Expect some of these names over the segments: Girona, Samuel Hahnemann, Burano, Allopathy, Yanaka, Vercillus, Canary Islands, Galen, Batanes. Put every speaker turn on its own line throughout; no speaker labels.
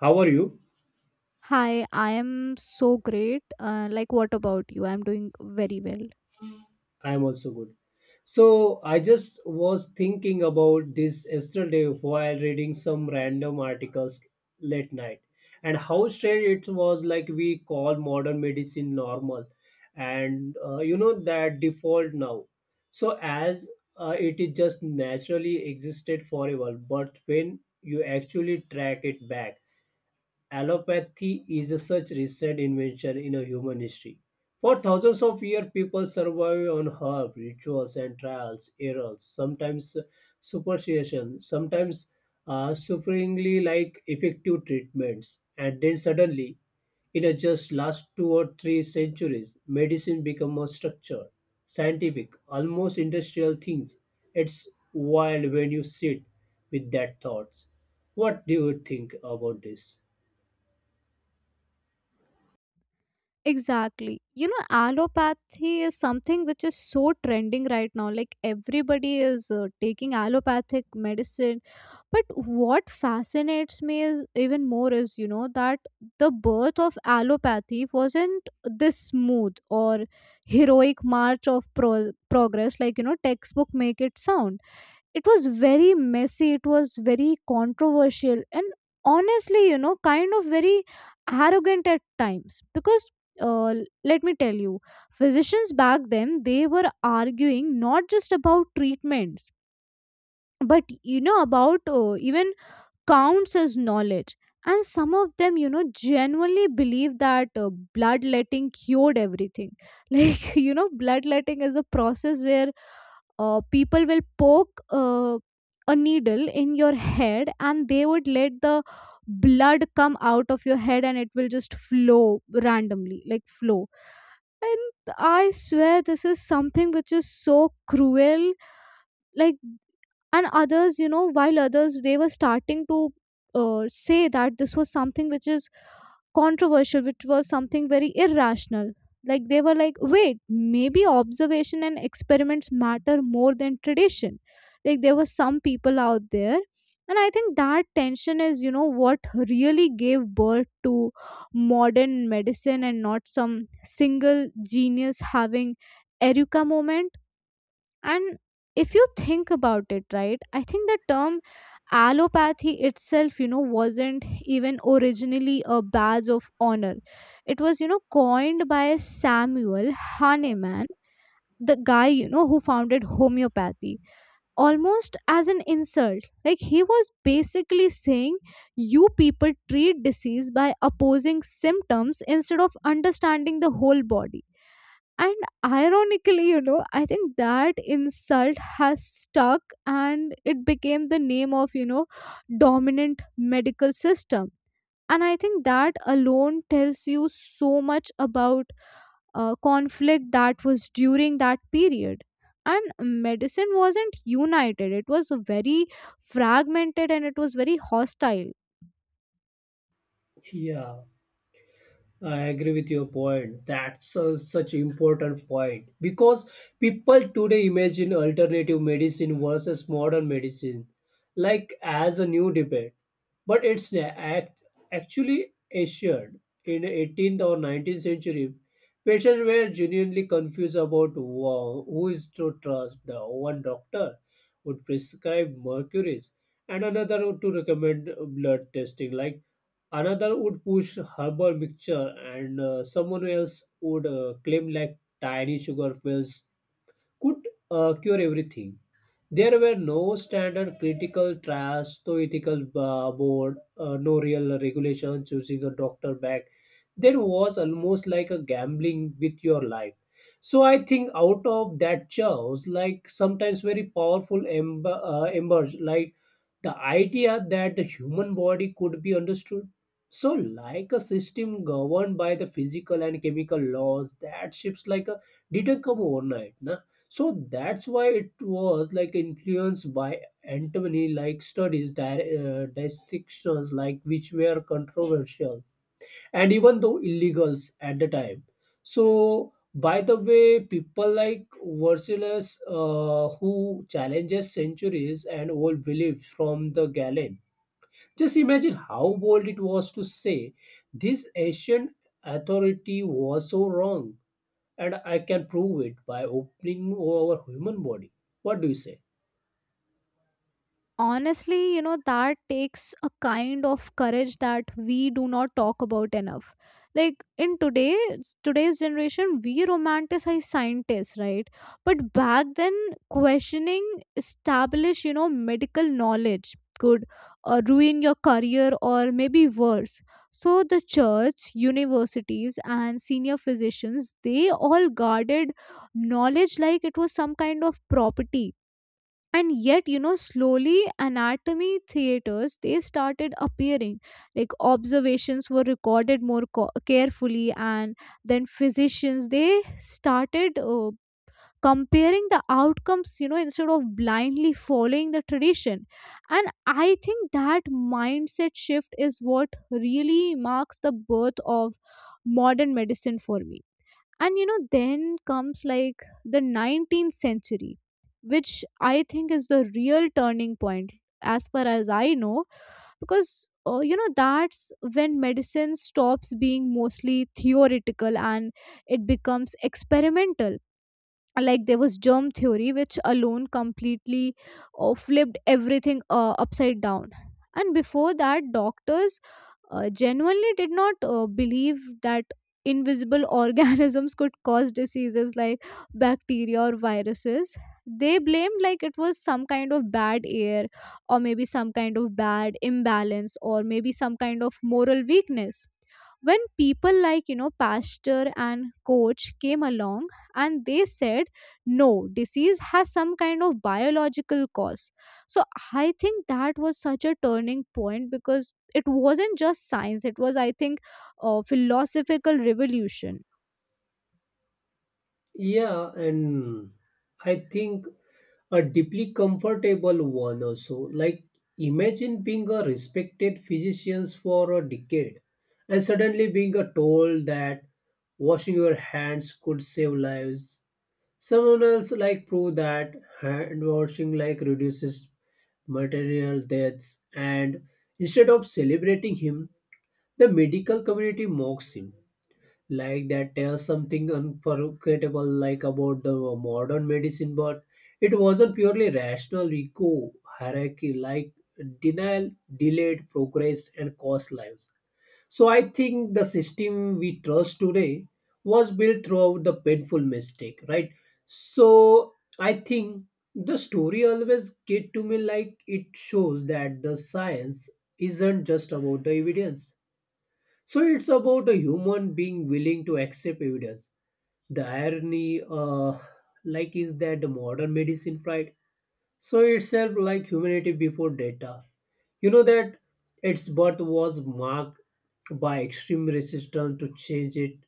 How are you?
Hi, I am so great. Like, what about you? I'm doing very well.
I am also good. So, I just was thinking about this yesterday while reading some random articles late night and how strange it was like we call modern medicine normal and you know that default now. So, as it is just naturally existed forever, but when you actually track it back, Allopathy is a such recent invention in a human history. For thousands of years, people survived on herbs, rituals, and trials, errors, sometimes superstition, sometimes sufferingly like effective treatments. And then suddenly, in a just last two or three centuries, medicine become a structure, scientific, almost industrial things. It's wild when you sit with that thoughts. What do you think about this?
Exactly. You know, allopathy is something which is so trending right now. Like, everybody is taking allopathic medicine. But what fascinates me is even more is, you know, that the birth of allopathy wasn't this smooth or heroic march of progress, like, you know, textbook make it sound it was very messy, it was very controversial, and honestly, you know, kind of very arrogant at times because uh, let me tell you, physicians back then they were arguing not just about treatments but, you know, about even counts as knowledge. And some of them, you know, genuinely believe that bloodletting cured everything like, you know, bloodletting is a process where people will poke a needle in your head, and they would let the blood come out of your head and it will just flow randomly, like flow. And I swear this is something which is so cruel. Like, and others, you know, while others they were starting to say that this was something which is controversial, which was something very irrational. Like, they were like, wait, maybe observation and experiments matter more than tradition. Like, there were some people out there. And I think that tension is, you know, what really gave birth to modern medicine, and not some single genius having eureka moment. And if you think about it, right, I think the term allopathy itself, you know, wasn't even originally a badge of honor. It was, you know, coined by Samuel Hahnemann, the guy, you know, who founded homeopathy, almost as an insult. Like, he was basically saying, you people treat disease by opposing symptoms instead of understanding the whole body. And ironically, you know, I think that insult has stuck and it became the name of, you know, dominant medical system. And I think that alone tells you so much about conflict that was during that period. And medicine wasn't united, it was very fragmented and it was very hostile.
Yeah, I agree with your point. That's a, such important point because people today imagine alternative medicine versus modern medicine like as a new debate but it's actually assured in 18th or 19th century patients were genuinely confused about who is to trust the one doctor would prescribe mercuries and another would to recommend blood testing like another would push herbal mixture and someone else would claim like tiny sugar pills could cure everything there were no standard critical trials, no ethical board, no real regulation choosing a doctor back. There was almost like a gambling with your life. So I think out of that chaos, like sometimes very powerful emerged, like the idea that the human body could be understood so like a system governed by the physical and chemical laws that shifts like a didn't come overnight na? So that's why it was like influenced by antimony like studies distinctions like which were controversial and even though illegals at the time. So, by the way, people like Vercillus, who challenges centuries and old beliefs from the Galen. Just imagine how bold it was to say this ancient authority was so wrong, and I can prove it by opening our human body. What do you say?
Honestly, you know, that takes a kind of courage that we do not talk about enough. Like, in today's generation we romanticize scientists, right? But back then, questioning established, you know, medical knowledge could ruin your career or maybe worse. So the church universities and senior physicians they all guarded knowledge like it was some kind of property. And yet, you know, slowly anatomy theaters they started appearing, like observations were recorded more carefully, and then physicians they started comparing the outcomes, you know, instead of blindly following the tradition. And I think that mindset shift is what really marks the birth of modern medicine for me. And, you know, then comes like the 19th century, which I think is the real turning point, as far as I know, because you know that's when medicine stops being mostly theoretical and it becomes experimental. Like, there was germ theory which alone completely flipped everything upside down. And before that doctors genuinely did not believe that invisible organisms could cause diseases like bacteria or viruses. They blamed like it was some kind of bad air, or maybe some kind of bad imbalance, or maybe some kind of moral weakness. When people like, you know, pastor and coach came along and they said, no, disease has some kind of biological cause. So I think that was such a turning point because it wasn't just science, it was, I think, a philosophical revolution.
Yeah, and I think a deeply comfortable one also like imagine being a respected physician for a decade and suddenly being told that washing your hands could save lives someone else like prove that hand washing like reduces material deaths and instead of celebrating him the medical community mocks him like that tells something unforgettable like about the modern medicine but it wasn't purely rational eco hierarchy like denial delayed progress and cost lives so I think the system we trust today was built throughout the painful mistake right so I think the story always get to me like it shows that the science isn't just about the evidence so it's about a human being willing to accept evidence. The irony, like, is that the modern medicine pride so itself like humanity before data. You know that its birth was marked by extreme resistance to change it.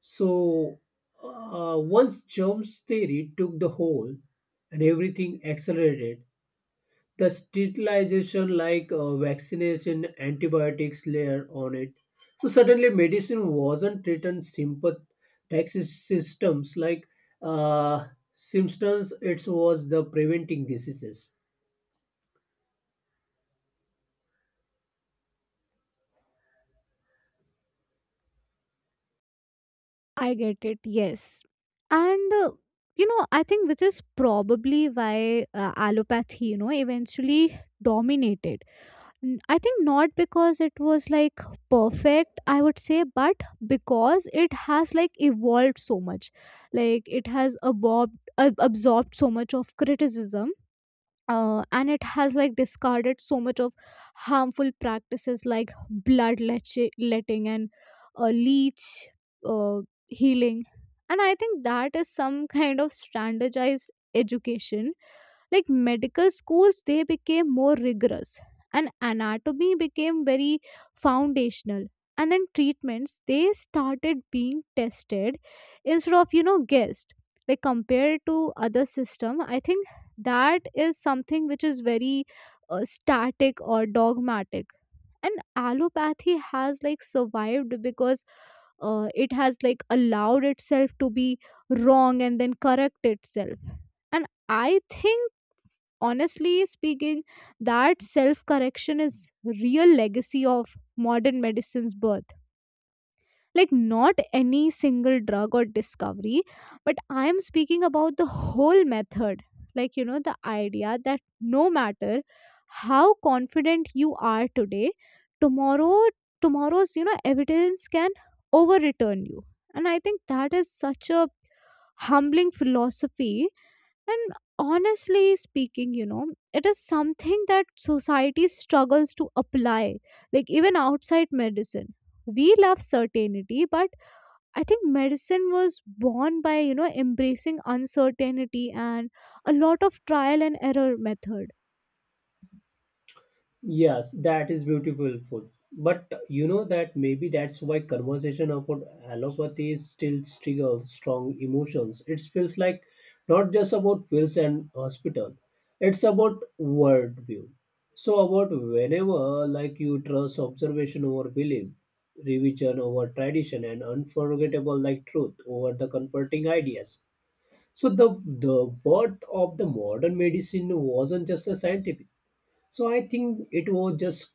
So once germ theory took the hold and everything accelerated, the sterilization like vaccination antibiotics layer on it so suddenly medicine wasn't treating sympathetic systems like uh, symptoms it was the preventing diseases.
I get it, yes. And, you know, I think which is probably why allopathy, you know, eventually dominated. I think not because it was like perfect, I would say, but because it has like evolved so much. Like, it has absorbed, absorbed so much of criticism and it has like discarded so much of harmful practices like blood letting and leech uh, healing. And I think that is some kind of standardized education, like medical schools they became more rigorous, and anatomy became very foundational. And then treatments they started being tested, instead of, you know, guessed. Like compared to other system, I think that is something which is very static or dogmatic. And allopathy has like survived because it has like allowed itself to be wrong and then correct itself. And I think, honestly speaking, that self correction is real legacy of modern medicine's birth, like not any single drug or discovery, but I am speaking about the whole method. Like, you know, the idea that no matter how confident you are today, tomorrow tomorrow's, you know, evidence can overreturn you. And I think that is such a humbling philosophy. And honestly speaking, you know, it is something that society struggles to apply, like even outside medicine. We love certainty, but I think medicine was born by, you know, embracing uncertainty and a lot of trial and error method.
Yes, that is beautiful food. But you know that maybe that's why conversation about allopathy is still triggers strong emotions. It feels like not just about pills and hospital. It's about worldview. So about whenever like you trust observation over belief, revision over tradition and unforgettable like truth over the comforting ideas. So the birth of the modern medicine wasn't just a scientific. So I think it was just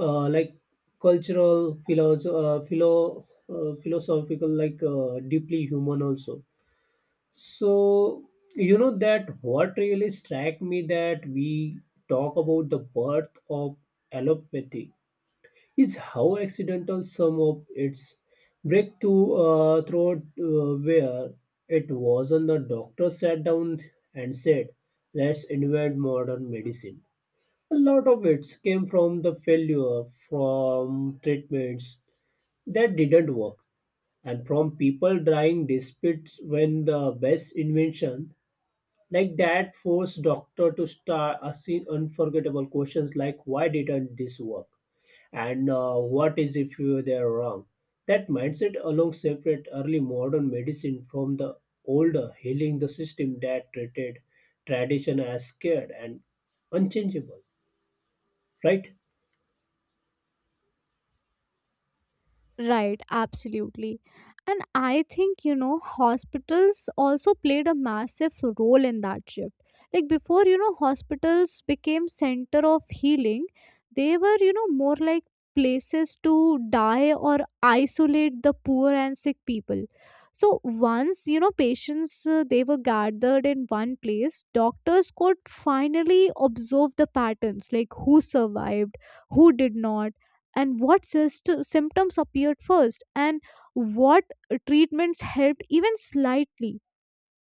like cultural, philosophical, like deeply human also. So you know that what really struck me that we talk about the birth of allopathy is how accidental some of its breakthrough through where it wasn't the doctor sat down and said, "Let's invent modern medicine." A lot of it came from the failure, from treatments that didn't work, and from people trying disputes when the best invention like that forced doctor to start asking unforgettable questions like why didn't this work and what is if you they're wrong. That mindset alone separate early modern medicine from the older healing the system that treated tradition as scared and unchangeable, right?
Right, absolutely. And I think, you know, hospitals also played a massive role in that shift. Like before, you know, hospitals became center of healing, they were, you know, more like places to die or isolate the poor and sick people. So once, you know, patients they were gathered in one place, doctors could finally observe the patterns, like who survived, who did not, and what symptoms appeared first, and what treatments helped even slightly.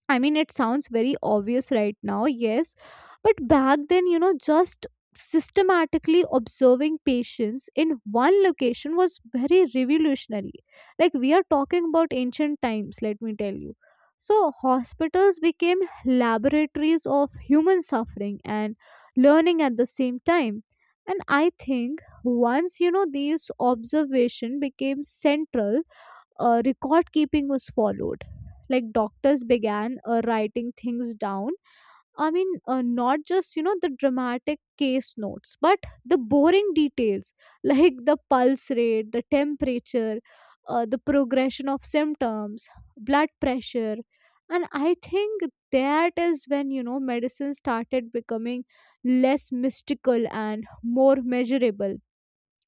I mean, it sounds very obvious right now, yes. But back then, you know, just systematically observing patients in one location was very revolutionary. Like, we are talking about ancient times, let me tell you. So, hospitals became laboratories of human suffering and learning at the same time. And I think once, you know, these observation became central, record keeping was followed, like doctors began writing things down. I mean, not just, you know, the dramatic case notes but the boring details like the pulse rate, the temperature, the progression of symptoms, blood pressure. And I think that is when, you know, medicine started becoming less mystical and more measurable.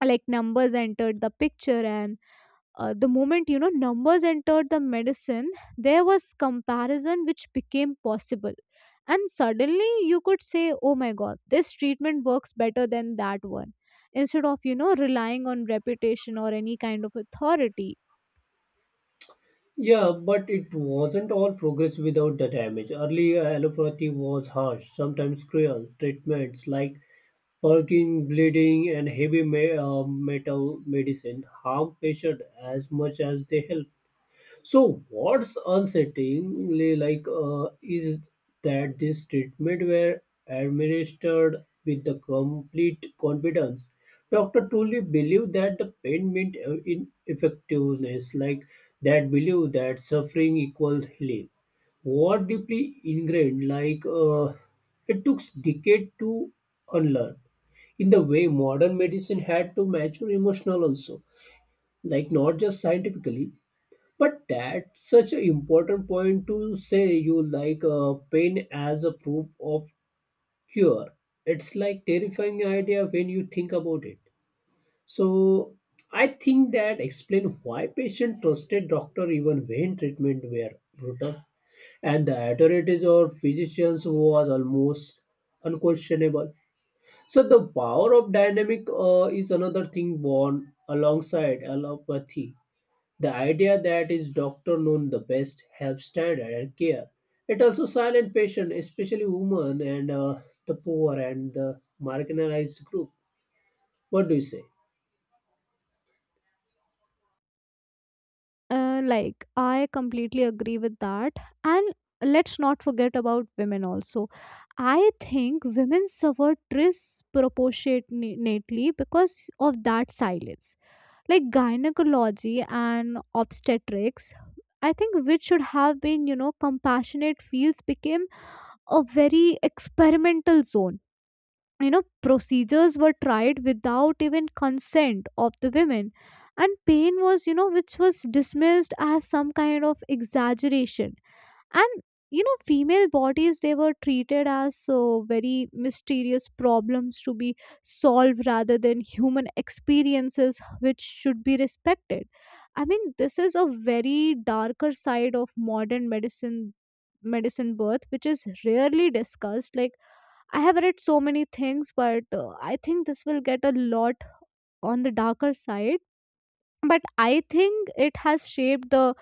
Like numbers entered the picture, and the moment, you know, numbers entered the medicine, there was comparison which became possible. And suddenly you could say, oh my god, this treatment works better than that one, instead of, you know, relying on reputation or any kind of authority.
Yeah, but it wasn't all progress without the damage. Early allopathy was harsh, sometimes cruel. Treatments like perking, bleeding, and heavy metal medicine harm patients as much as they help. So what's unsettlingly like is that this treatment were administered with the complete confidence. Doctor truly believe that the pain meant ineffectiveness, like that believe that suffering equals healing. What deeply ingrained, like it took decade to unlearn. In the way modern medicine had to mature emotional also, like not just scientifically, but that's such an important point to say you like pain as a proof of cure. It's like terrifying idea when you think about it. So I think that explain why patient trusted doctor even when treatment were brutal and the authorities or physicians was almost unquestionable. So the power of dynamic is another thing born alongside allopathy the idea that is doctor known the best helps standard and care. It also silent patient, especially women and the poor and the marginalized group. What do you say?
Like, I completely agree with that. And let's not forget about women also. I think women suffer disproportionately because of that silence. Like gynecology and obstetrics, I think which should have been, you know, compassionate fields became a very experimental zone. You know, procedures were tried without even consent of the women, and pain was, you know, which was dismissed as some kind of exaggeration. And, you know, female bodies they were treated as so very mysterious problems to be solved rather than human experiences which should be respected. I mean, this is a very darker side of modern medicine birth which is rarely discussed. Like, I have read so many things but I think this will get a lot on the darker side. But I think it has shaped the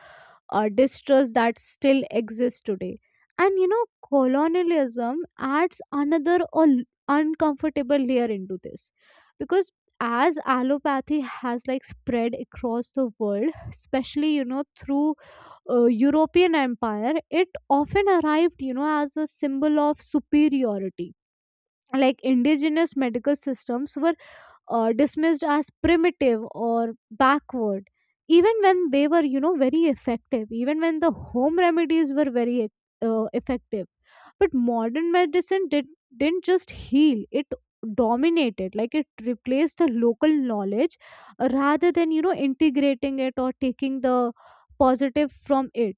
distrust that still exists today. And, you know, colonialism adds another uncomfortable layer into this because as allopathy has like spread across the world, especially, you know, through European empire, it often arrived, you know, as a symbol of superiority. Like indigenous medical systems were dismissed as primitive or backward, even when they were, you know, very effective, even when the home remedies were very effective. But modern medicine didn't just heal, it dominated. Like, it replaced the local knowledge rather than, you know, integrating it or taking the positive from it.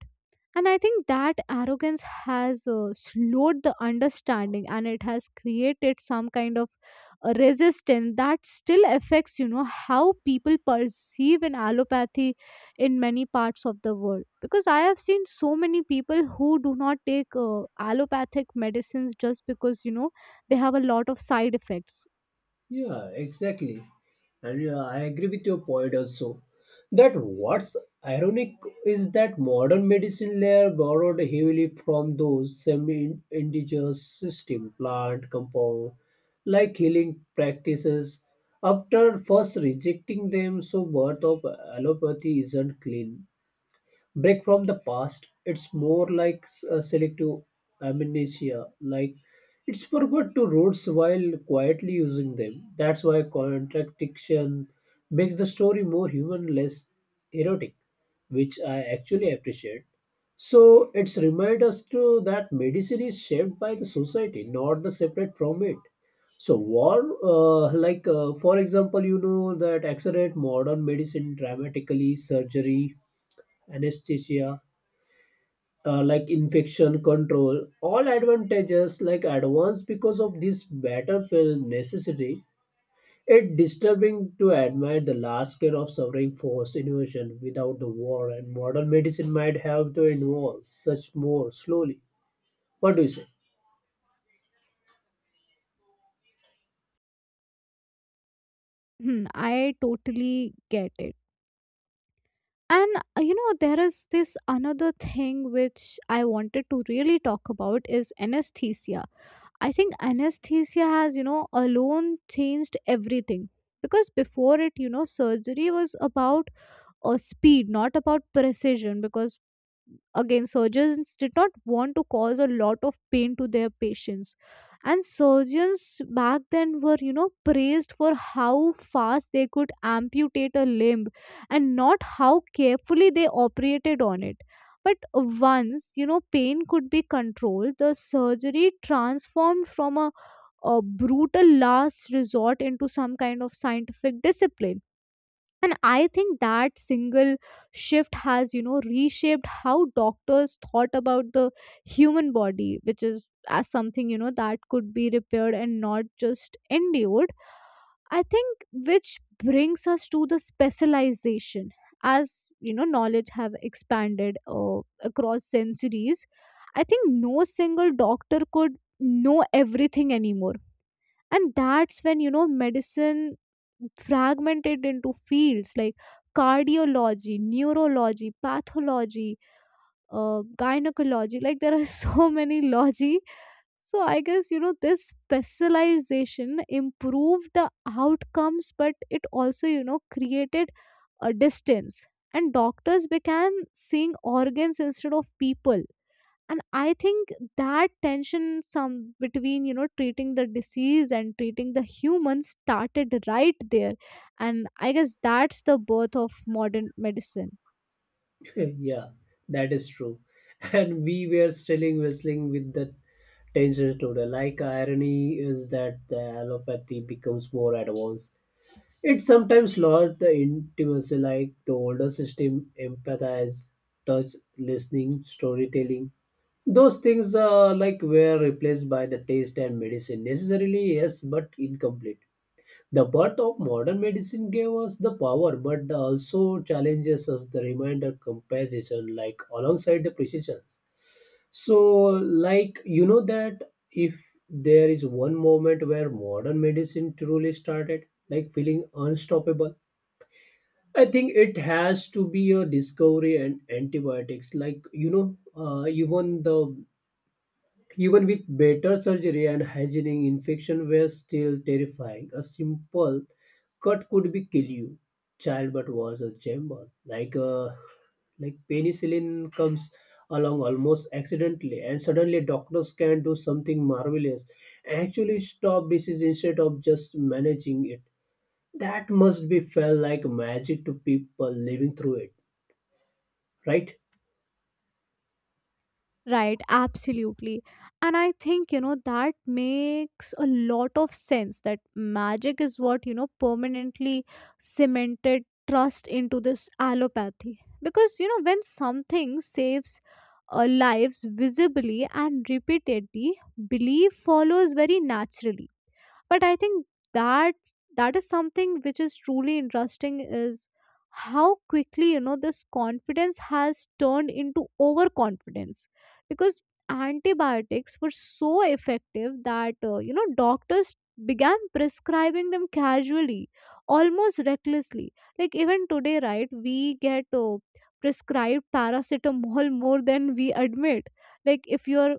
And I think that arrogance has slowed the understanding and it has created some kind of resistance that still affects, you know, how people perceive an allopathy in many parts of the world, because I have seen so many people who do not take allopathic medicines just because, you know, they have a lot of side effects.
Yeah, exactly. And yeah, I agree with your point also. That what's ironic is that modern medicine layer borrowed heavily from those semi-indigenous system, plant, compound, like healing practices. After first rejecting them, so birth of allopathy isn't clean break from the past it's more like selective amnesia like it's forgot to roots while quietly using them that's why contradiction makes the story more human less erotic which I actually appreciate so it's remind us to that medicine is shaped by the society, not the separate from it. So war, like for example, you know that accelerate modern medicine dramatically, surgery, anesthesia, like infection control, all advantages like advanced because of this battlefield necessity. It disturbing to admit the last scale of suffering force invasion without the war, and modern medicine might have to involve such more slowly. What do you say?
Hmm, I totally get it. And, you know, there is this another thing which I wanted to really talk about is anesthesia. I think anesthesia has, you know, alone changed everything because before it, you know, surgery was about speed, not about precision, because again, surgeons did not want to cause a lot of pain to their patients. And surgeons back then were, you know, praised for how fast they could amputate a limb and not how carefully they operated on it. But once, pain could be controlled, the surgery transformed from a brutal last resort into some kind of scientific discipline. And I think that single shift has reshaped how doctors thought about the human body, which is as something that could be repaired and not just endured, I think. Which brings us to the specialization. As you know, knowledge have expanded across centuries. I think no single doctor could know everything anymore, and that's when medicine fragmented into fields like cardiology, neurology, pathology, gynecology. Like there are so many logy. So I guess this specialization improved the outcomes, but it also created a distance, and doctors began seeing organs instead of people. And I think that tension some between treating the disease and treating the human started right there. And I guess that's the birth of modern medicine.
Yeah, that is true. And we were still wrestling with the tension today. Like irony is that the allopathy becomes more advanced. It sometimes lost the intimacy, like the older system, empathize, touch, listening, storytelling. Those things, like, were replaced by the taste and medicine. Necessarily, yes, but incomplete. The birth of modern medicine gave us the power, but also challenges us the reminder comparison, like alongside the precision. So, like, you know that if there is one moment where modern medicine truly started, like feeling unstoppable, I think it has to be a discovery and antibiotics. Like you know, even the even with better surgery and hygienic infection were still terrifying. A simple cut could be kill you. Childbirth was a chamber. Like penicillin comes along almost accidentally, and suddenly doctors can do something marvelous. Actually, stop disease instead of just managing it that must be felt like magic to people living through it, right?
Right, absolutely. And I think that makes a lot of sense, that magic is what permanently cemented trust into this allopathy. Because when something saves lives visibly and repeatedly, belief follows very naturally. But I think that that is something which is truly interesting is how quickly this confidence has turned into overconfidence. Because antibiotics were so effective that doctors began prescribing them casually, almost recklessly. Like even today, right, we get prescribed paracetamol more than we admit. Like if your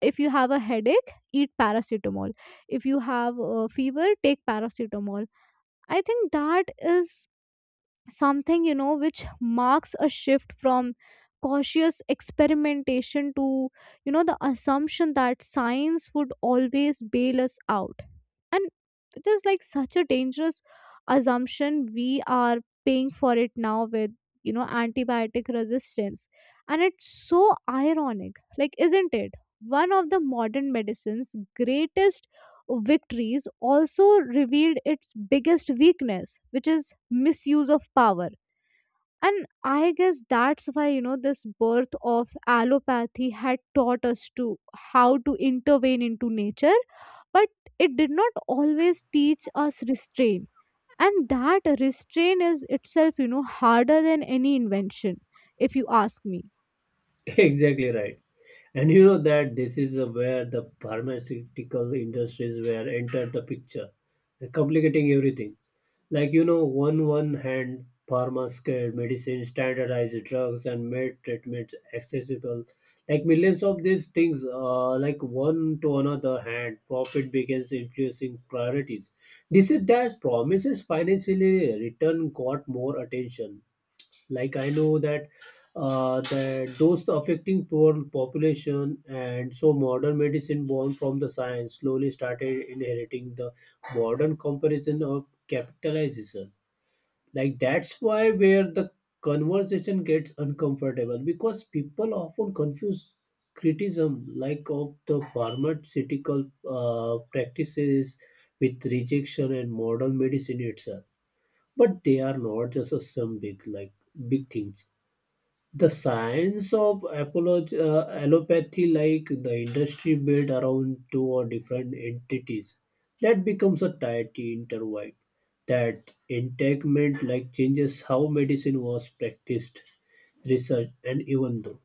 if you have a headache, eat paracetamol. If you have a fever, take paracetamol. I think that is something which marks a shift from cautious experimentation to, the assumption that science would always bail us out. And it is like such a dangerous assumption. We are paying for it now with, antibiotic resistance. And it's so ironic, like isn't it, one of the modern medicine's greatest victories also revealed its biggest weakness, which is misuse of power. And I guess that's why this birth of allopathy had taught us to how to intervene into nature, but it did not always teach us restraint. And that restraint is itself, harder than any invention, if you ask me.
Exactly right. And you know that this is where the pharmaceutical industries were entered the picture, complicating everything. Like you know, on one hand, pharmaceuticals, medicine, standardized drugs, and made treatments accessible. Like millions of these things, like one to another hand, profit begins influencing priorities. This is that promises financially return got more attention like I know that that those affecting poor population and so modern medicine born from the science slowly started inheriting the modern comparison of capitalization like that's why where the conversation gets uncomfortable because people often confuse criticism like of the pharmaceutical practices with rejection and modern medicine itself but they are not just a some big like big things the science of allopathy, like the industry built around two or different entities, that becomes a tiety intertwined. That entanglement like changes how medicine was practiced, researched, and even though.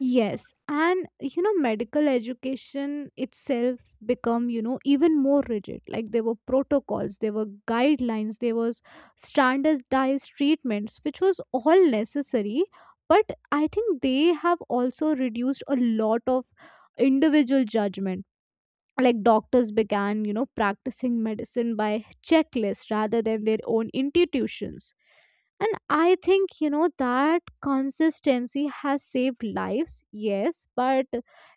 Yes, and medical education itself become even more rigid. Like there were protocols, there were guidelines, there was standardized treatments, which was all necessary. But I think they have also reduced a lot of individual judgment. Like doctors began practicing medicine by checklist rather than their own intuitions. And I think that consistency has saved lives, yes, but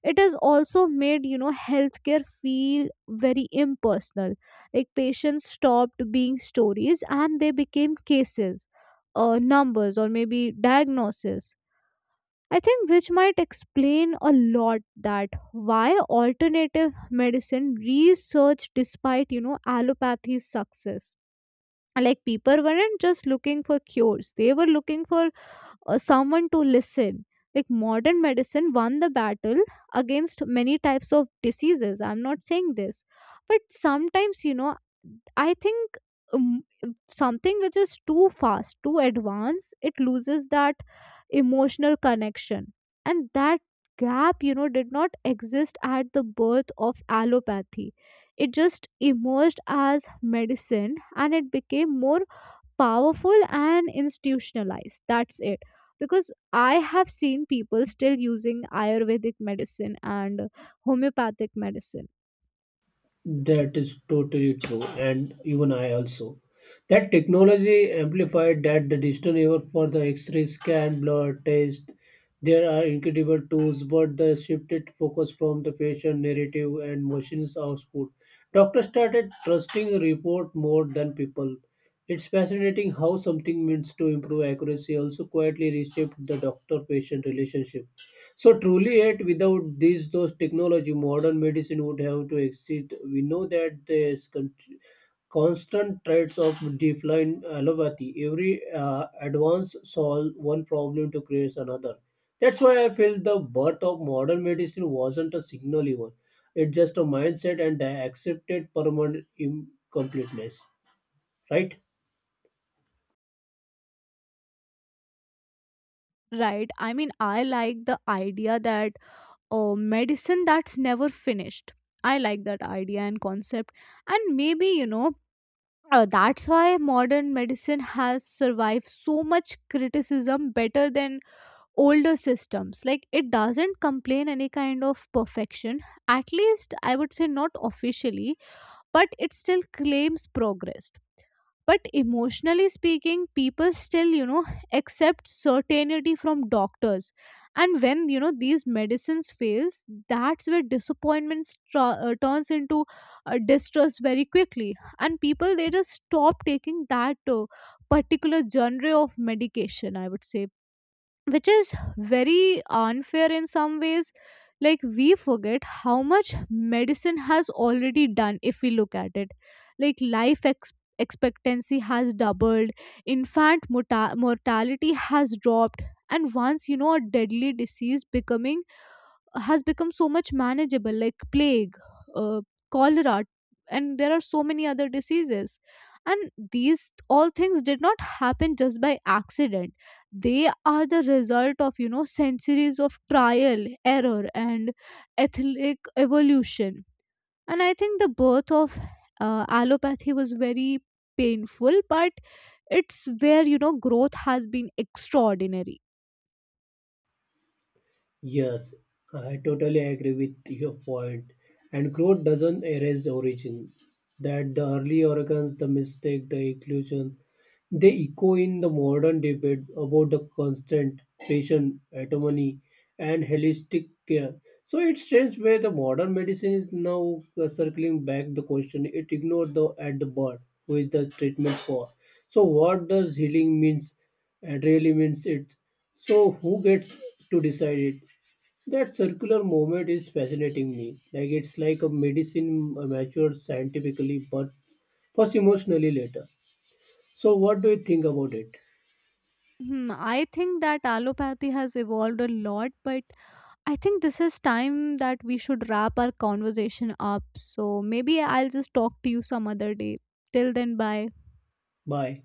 it has also made healthcare feel very impersonal. Like patients stopped being stories and they became cases, numbers, or maybe diagnoses. I think which might explain a lot that why alternative medicine research despite allopathy's success. Like people weren't just looking for cures; they were looking for or someone to listen. Like modern medicine won the battle against many types of diseases, I'm not saying this, but sometimes I think um, something which is too fast, too advanced, it loses that emotional connection. And that gap, did not exist at the birth of allopathy. It just emerged as medicine, and it became more powerful and institutionalized. That's it. Because I have seen people still using Ayurvedic medicine and homeopathic medicine.
That is totally true, and even I also. That technology amplified that the digital era for the X-ray scan, blood test. There are incredible tools, but the shifted focus from the patient narrative and machines output. Doctors started trusting a report more than people. It's fascinating how something means to improve accuracy also quietly reshaped the doctor-patient relationship. So truly, yet without these those technology, modern medicine would have to exist. We know that there's constant threats of decline allopathy. Every advance solve one problem to create another. That's why I feel the birth of modern medicine wasn't a signal even. It's just a mindset and the accepted permanent incompleteness, right?
Right. I mean, I like the idea that medicine that's never finished. I like that idea and concept. And maybe, that's why modern medicine has survived so much criticism better than older systems. Like, it doesn't complain any kind of perfection, at least I would say not officially, but it still claims progress. But emotionally speaking, people still accept certainty from doctors. And when these medicines fails, that's where disappointment turns into distrust very quickly. And people, they just stop taking that particular genre of medication, I would say, which is very unfair in some ways. Like we forget how much medicine has already done, if we look at it. Like life expectancy has doubled, infant mortality has dropped, and once a deadly disease becoming has become so much manageable, like plague, uh, cholera, and there are so many other diseases. And these all things did not happen just by accident. They are the result of, centuries of trial, error, and ethnic evolution. And I think the birth of allopathy was very painful, but it's where growth has been extraordinary.
Yes, I totally agree with your point. And growth doesn't erase origin. That the early organs, the mistake, the inclusion, they echo in the modern debate about the constant, patient, autonomy, and holistic care. So it's strange where the modern medicine is now circling back the question it ignored the at the birth, who is the treatment for. So what does healing means? It really means it. So who gets to decide it? That circular movement is fascinating me. Like it's like a medicine matured scientifically, but first emotionally later. So, what do you think about it?
Hmm, I think that allopathy has evolved a lot, but I think this is time that we should wrap our conversation up. So maybe I'll just talk to you some other day. Till then, bye.
Bye.